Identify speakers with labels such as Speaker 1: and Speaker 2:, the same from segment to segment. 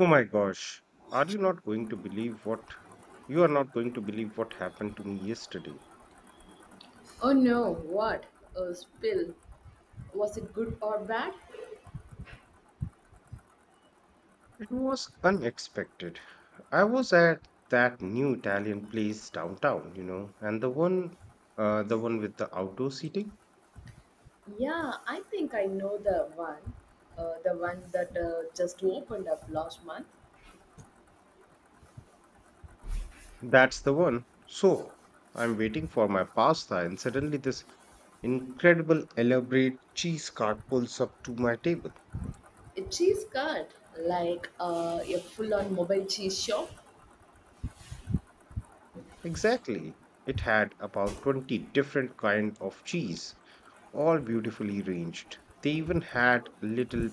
Speaker 1: Oh my gosh, are you not going to believe what you are not going to believe what happened to me yesterday?
Speaker 2: Oh no, what? A spill. Was it good or bad?
Speaker 1: It was unexpected. I was at that new Italian place downtown, you know, and the one with the outdoor seating.
Speaker 2: Yeah, I think I know the one. The one that just opened up last month.
Speaker 1: That's the one. So, I'm waiting for my pasta and suddenly this incredible elaborate cheese cart pulls up to my table.
Speaker 2: A cheese cart, like a full on mobile cheese shop.
Speaker 1: Exactly. It had about 20 different kind of cheese all beautifully arranged. They even had little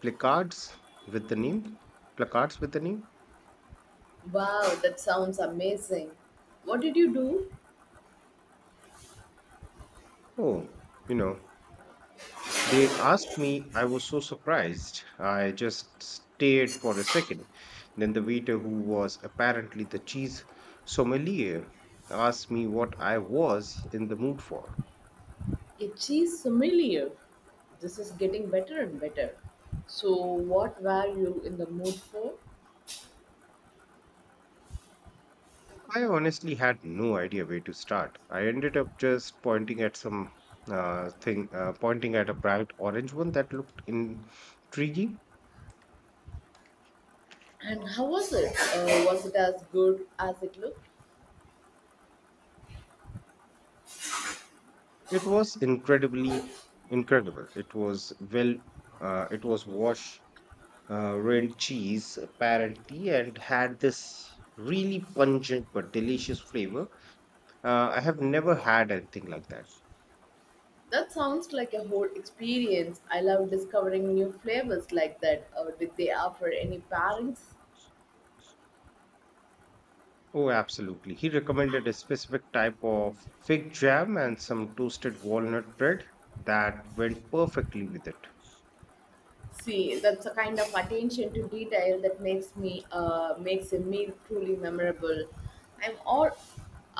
Speaker 1: placards with the name. Placards with the name.
Speaker 2: Wow, that sounds amazing. What did you do?
Speaker 1: Oh, you know, they asked me. I was so surprised. I just stared for a second. Then the waiter, who was apparently the cheese sommelier, asked me what I was in the mood for.
Speaker 2: A cheese sommelier. This is getting better and better. So, what were you in the mood for?
Speaker 1: I honestly had no idea where to start. I ended up just pointing at some pointing at a bright orange one that looked intriguing.
Speaker 2: And how was it? Was it as good as it looked?
Speaker 1: It was incredibly incredible. It was uh, it was wash, red cheese apparently, and had this really pungent but delicious flavor. I have never had anything like that.
Speaker 2: That sounds like a whole experience. I love discovering new flavors like that. Did they offer any pairings?
Speaker 1: Oh, absolutely. He recommended a specific type of fig jam and some toasted walnut bread that went perfectly with it.
Speaker 2: See, that's a kind of attention to detail that makes me makes a meal truly memorable. I'm all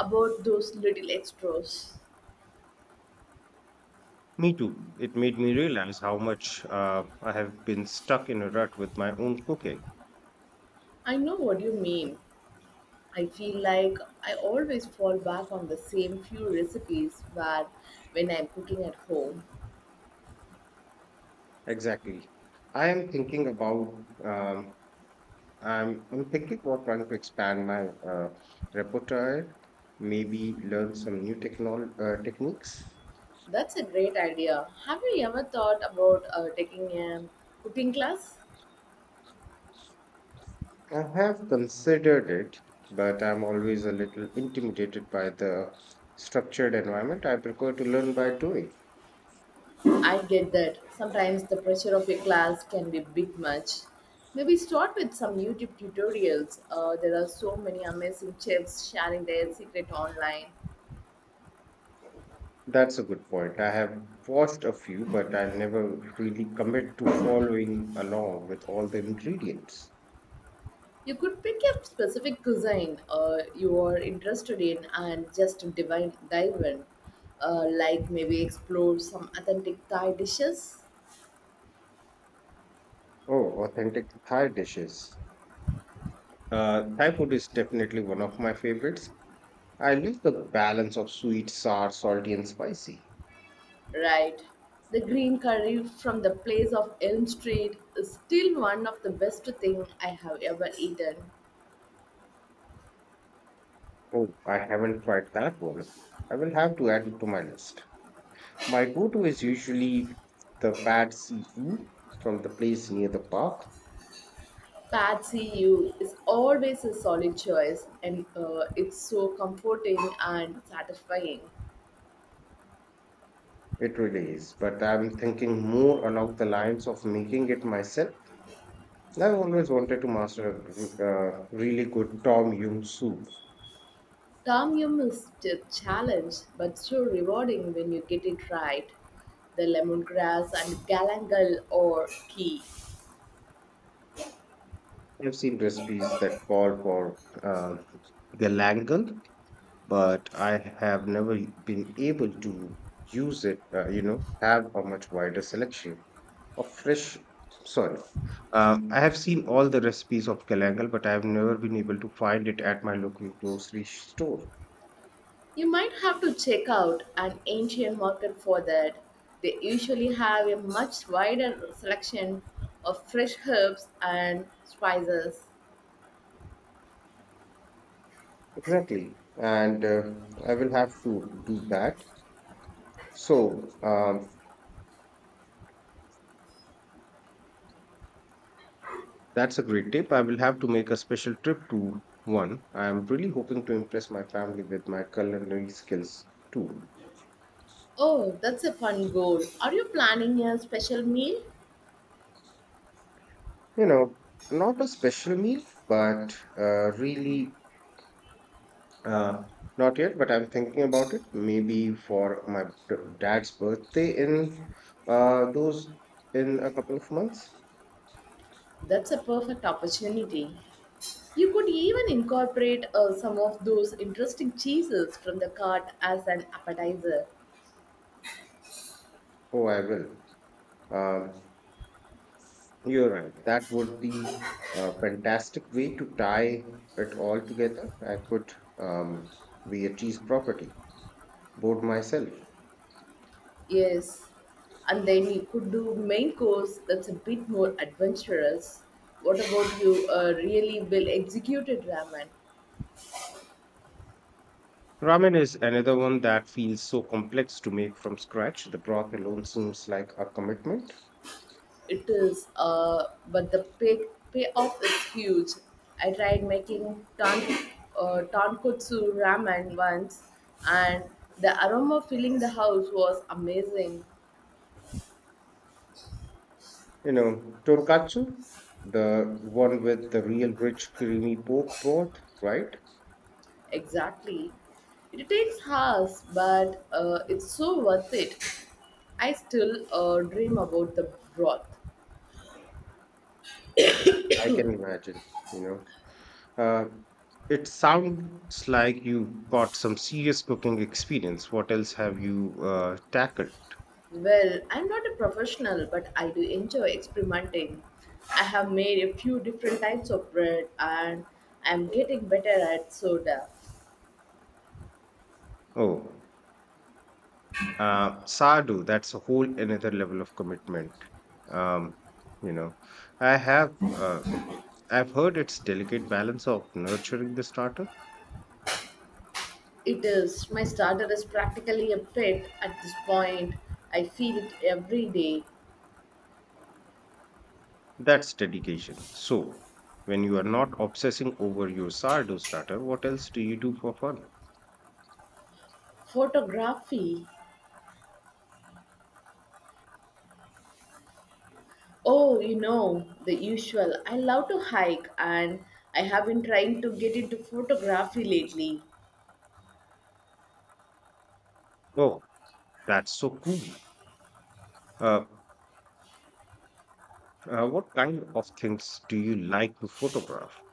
Speaker 2: about those little extras.
Speaker 1: Me too. It made me realize how much I have been stuck in a rut with my own cooking.
Speaker 2: I know what you mean. I feel like I always fall back on the same few recipes where when I'm cooking at home.
Speaker 1: Exactly. I am thinking about um, I'm thinking about trying to expand my repertoire, maybe learn some new technol techniques.
Speaker 2: That's a great idea. Have you ever thought about taking a cooking class?
Speaker 1: I have considered it, but I'm always a little intimidated by the structured environment. I prefer to learn by doing.
Speaker 2: I get that. Sometimes the pressure of a class can be a bit much. Maybe start with some YouTube tutorials. There are so many amazing chefs sharing their secret online.
Speaker 1: That's a good point. I have watched a few, but I never really commit to following along with all the ingredients.
Speaker 2: You could pick a specific cuisine you are interested in and just dive in. Like maybe explore some authentic Thai dishes.
Speaker 1: Oh, authentic Thai dishes. Thai food is definitely one of my favorites. I love the balance of sweet, sour, salty, and spicy.
Speaker 2: Right. The green curry from the place of Elm Street is still one of the best thing I have ever eaten.
Speaker 1: Oh, I haven't tried that one. I will have to add it to my list. My go-to is usually the bad seafood from the place near the park.
Speaker 2: Patsy U is always a solid choice and it's so comforting and satisfying.
Speaker 1: It really is, but I'm thinking more along the lines of making it myself. I've always wanted to master a really good Tom Yum soup.
Speaker 2: Tom Yum is a challenge but so rewarding when you get it right. The lemongrass and galangal or key.
Speaker 1: I've seen recipes that call for galangal, but I have never been able to use it, you know, have a much wider selection of fresh soil. I have seen all the recipes of galangal, but I have never been able to find it at my local grocery store.
Speaker 2: You might have to check out an Asian market for that. They usually have a much wider selection of fresh herbs and spices.
Speaker 1: Exactly. And I will have to do that. So um, that's a great tip. I will have to make a special trip to one. I'm really hoping to impress my family with my culinary skills too.
Speaker 2: Oh, that's a fun goal. Are you planning a special meal?
Speaker 1: You know, not a special meal, but really uh, not yet. But I'm thinking about it. Maybe for my dad's birthday in those in a couple of months.
Speaker 2: That's a perfect opportunity. You could even incorporate some of those interesting cheeses from the cart as an appetizer.
Speaker 1: Oh, I will. Um, you're right. That would be a fantastic way to tie it all together. I could um, be a cheese property board myself.
Speaker 2: Yes, and then you could do main course that's a bit more adventurous. What about you? Really well executed ramen.
Speaker 1: Ramen is another one that feels so complex to make from scratch. The broth alone seems like a commitment.
Speaker 2: It is, but the payoff is huge. I tried making tan tonkotsu ramen once, and the aroma filling the house was amazing.
Speaker 1: You know, tonkatsu, the one with the real rich creamy pork broth, right?
Speaker 2: Exactly. It takes hours, but it's so worth it. I still dream about the broth.
Speaker 1: I can imagine, you know. Uh, it sounds like you've got some serious cooking experience. What else have you tackled?
Speaker 2: Well, I'm not a professional, but I do enjoy experimenting. I have made a few different types of bread and I'm getting better at soda.
Speaker 1: Oh, sardu, that's a whole another level of commitment. Um, you know, I have. I've heard its delicate balance of nurturing the starter.
Speaker 2: It is my starter is practically a pet at this point. I feed it every day.
Speaker 1: That's dedication. So, when you are not obsessing over your sourdough starter, what else do you do for fun?
Speaker 2: Photography. Oh, you know, the usual. I love to hike and I have been trying to get into photography lately.
Speaker 1: Oh, that's so cool. Uh, what kind of things do you like to photograph?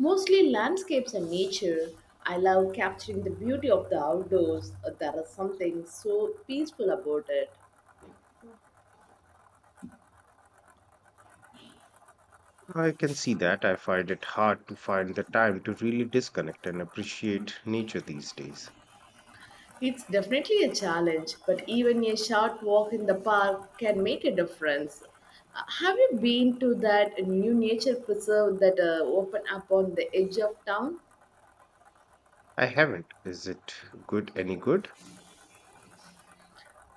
Speaker 2: Mostly landscapes and nature. I love capturing the beauty of the outdoors. There is something so peaceful about it.
Speaker 1: I can see that. I find it hard to find the time to really disconnect and appreciate nature these days.
Speaker 2: It's definitely a challenge, but even a short walk in the park can make a difference. Have you been to that new nature preserve that open up on the edge of town?
Speaker 1: I haven't. Is it good any good?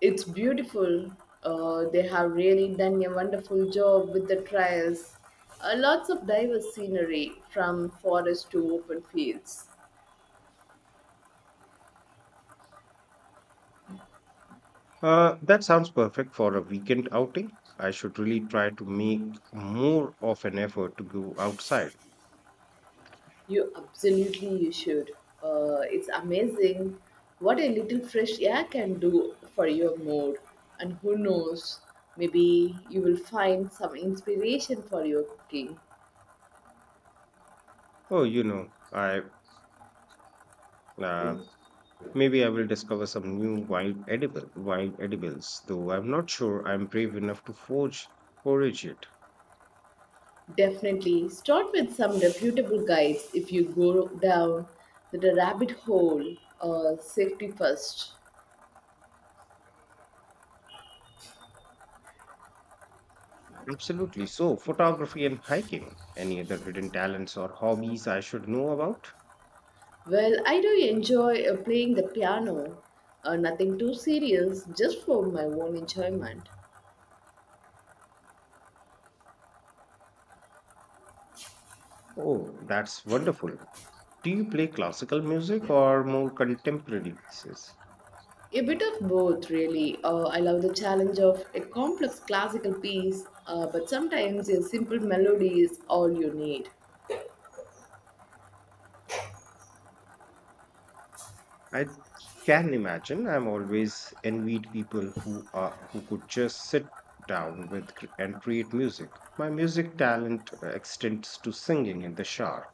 Speaker 2: It's beautiful. They have really done a wonderful job with the trails. Lots of diverse scenery from forest to open fields.
Speaker 1: That sounds perfect for a weekend outing. I should really try to make more of an effort to go outside.
Speaker 2: You should. It's amazing what a little fresh air can do for your mood. And who knows, maybe you will find some inspiration for your cooking.
Speaker 1: Oh, you know, I uh, maybe I will discover some new wild edibles, though I'm not sure I'm brave enough to forge forage it.
Speaker 2: Definitely start with some reputable guides if you go down the rabbit hole. Safety first.
Speaker 1: Absolutely. So, photography and hiking. Any other hidden talents or hobbies I should know about?
Speaker 2: Well, I do enjoy playing the piano. Nothing too serious, just for my own enjoyment.
Speaker 1: Oh, that's wonderful. Do you play classical music or more contemporary pieces?
Speaker 2: A bit of both, really. I love the challenge of a complex classical piece, but sometimes a simple melody is all you need.
Speaker 1: I can imagine. I'm always envied people who are who could just sit down with and create music. My music talent extends to singing in the shower.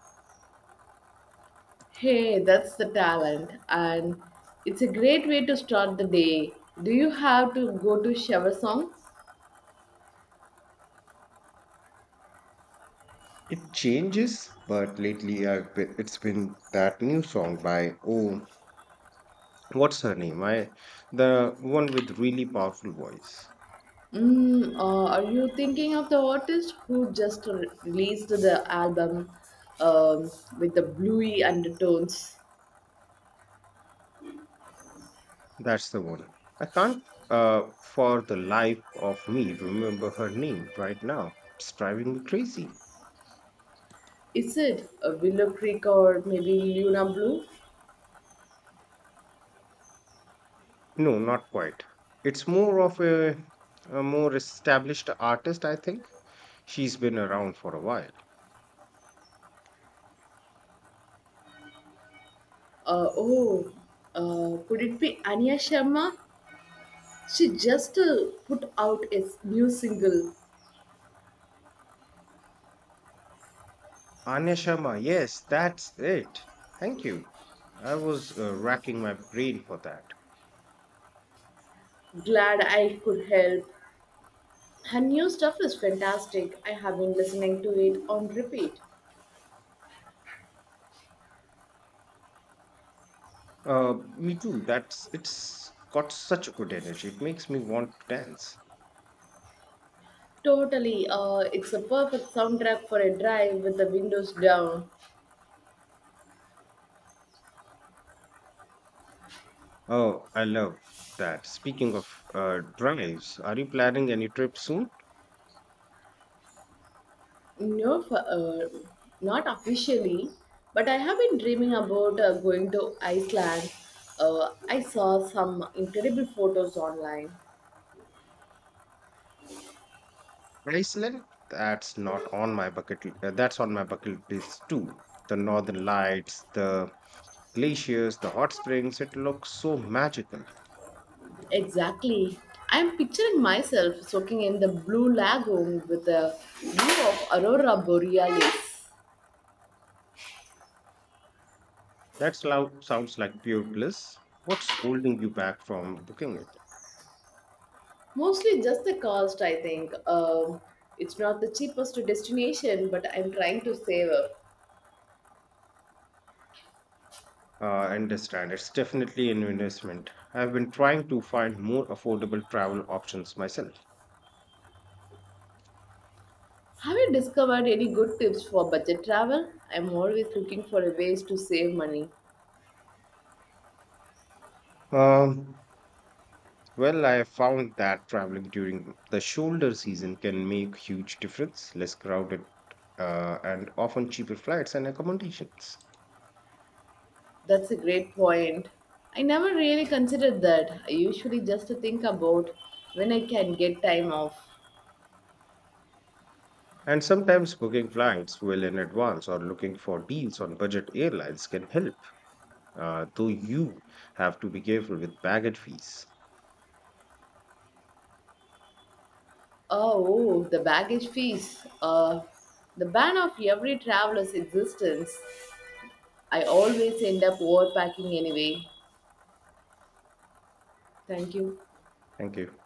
Speaker 2: Hey, that's the talent, and it's a great way to start the day. Do you have to go to shower song?
Speaker 1: It changes, but it's been that new song by what's her name? I The one with really powerful voice.
Speaker 2: Mm, or are you thinking of the artist who just released the album um, with the bluey undertones?
Speaker 1: That's the one. I can't for the life of me remember her name right now. It's driving me crazy.
Speaker 2: Is it a Willow Creek or maybe Luna Blue?
Speaker 1: No, not quite. It's more of a more established artist, I think. She's been around for a while.
Speaker 2: Uh, oh, could it be Anya Sharma? She just put out a new single.
Speaker 1: Anya Sharma, yes, that's it. Thank you. I was racking my brain for that.
Speaker 2: Glad I Could Help. Her new stuff is fantastic. I have been listening to it on repeat.
Speaker 1: Me too. That's It's got such a good energy. It makes me want to dance.
Speaker 2: Totally, it's a perfect soundtrack for a drive with the windows down.
Speaker 1: Oh, I love that. Speaking of drives, are you planning any trip soon?
Speaker 2: No, not officially, but I have been dreaming about going to Iceland. I saw some incredible photos online.
Speaker 1: Iceland? That's not on my bucket. L- That's on my bucket list too. The northern lights, the glaciers, the hot springs. It looks so magical.
Speaker 2: Exactly. I'm picturing myself soaking in the blue lagoon with a view of Aurora Borealis.
Speaker 1: That sounds like pure bliss. What's holding you back from booking it?
Speaker 2: Mostly just the cost, I think. It's not the cheapest destination, but I'm trying to save up.
Speaker 1: I understand. It's definitely an investment. I've been trying to find more affordable travel options myself.
Speaker 2: Have you discovered any good tips for budget travel? I'm always looking for ways to save money.
Speaker 1: Um, well, I found that traveling during the shoulder season can make huge difference. Less crowded, and often cheaper flights and accommodations.
Speaker 2: That's a great point. I never really considered that. I usually just think about when I can get time off.
Speaker 1: And sometimes booking flights well in advance or looking for deals on budget airlines can help. Though you have to be careful with baggage fees.
Speaker 2: Oh, the baggage fees. The ban of every traveler's existence. I always end up overpacking anyway. Thank you.
Speaker 1: Thank you.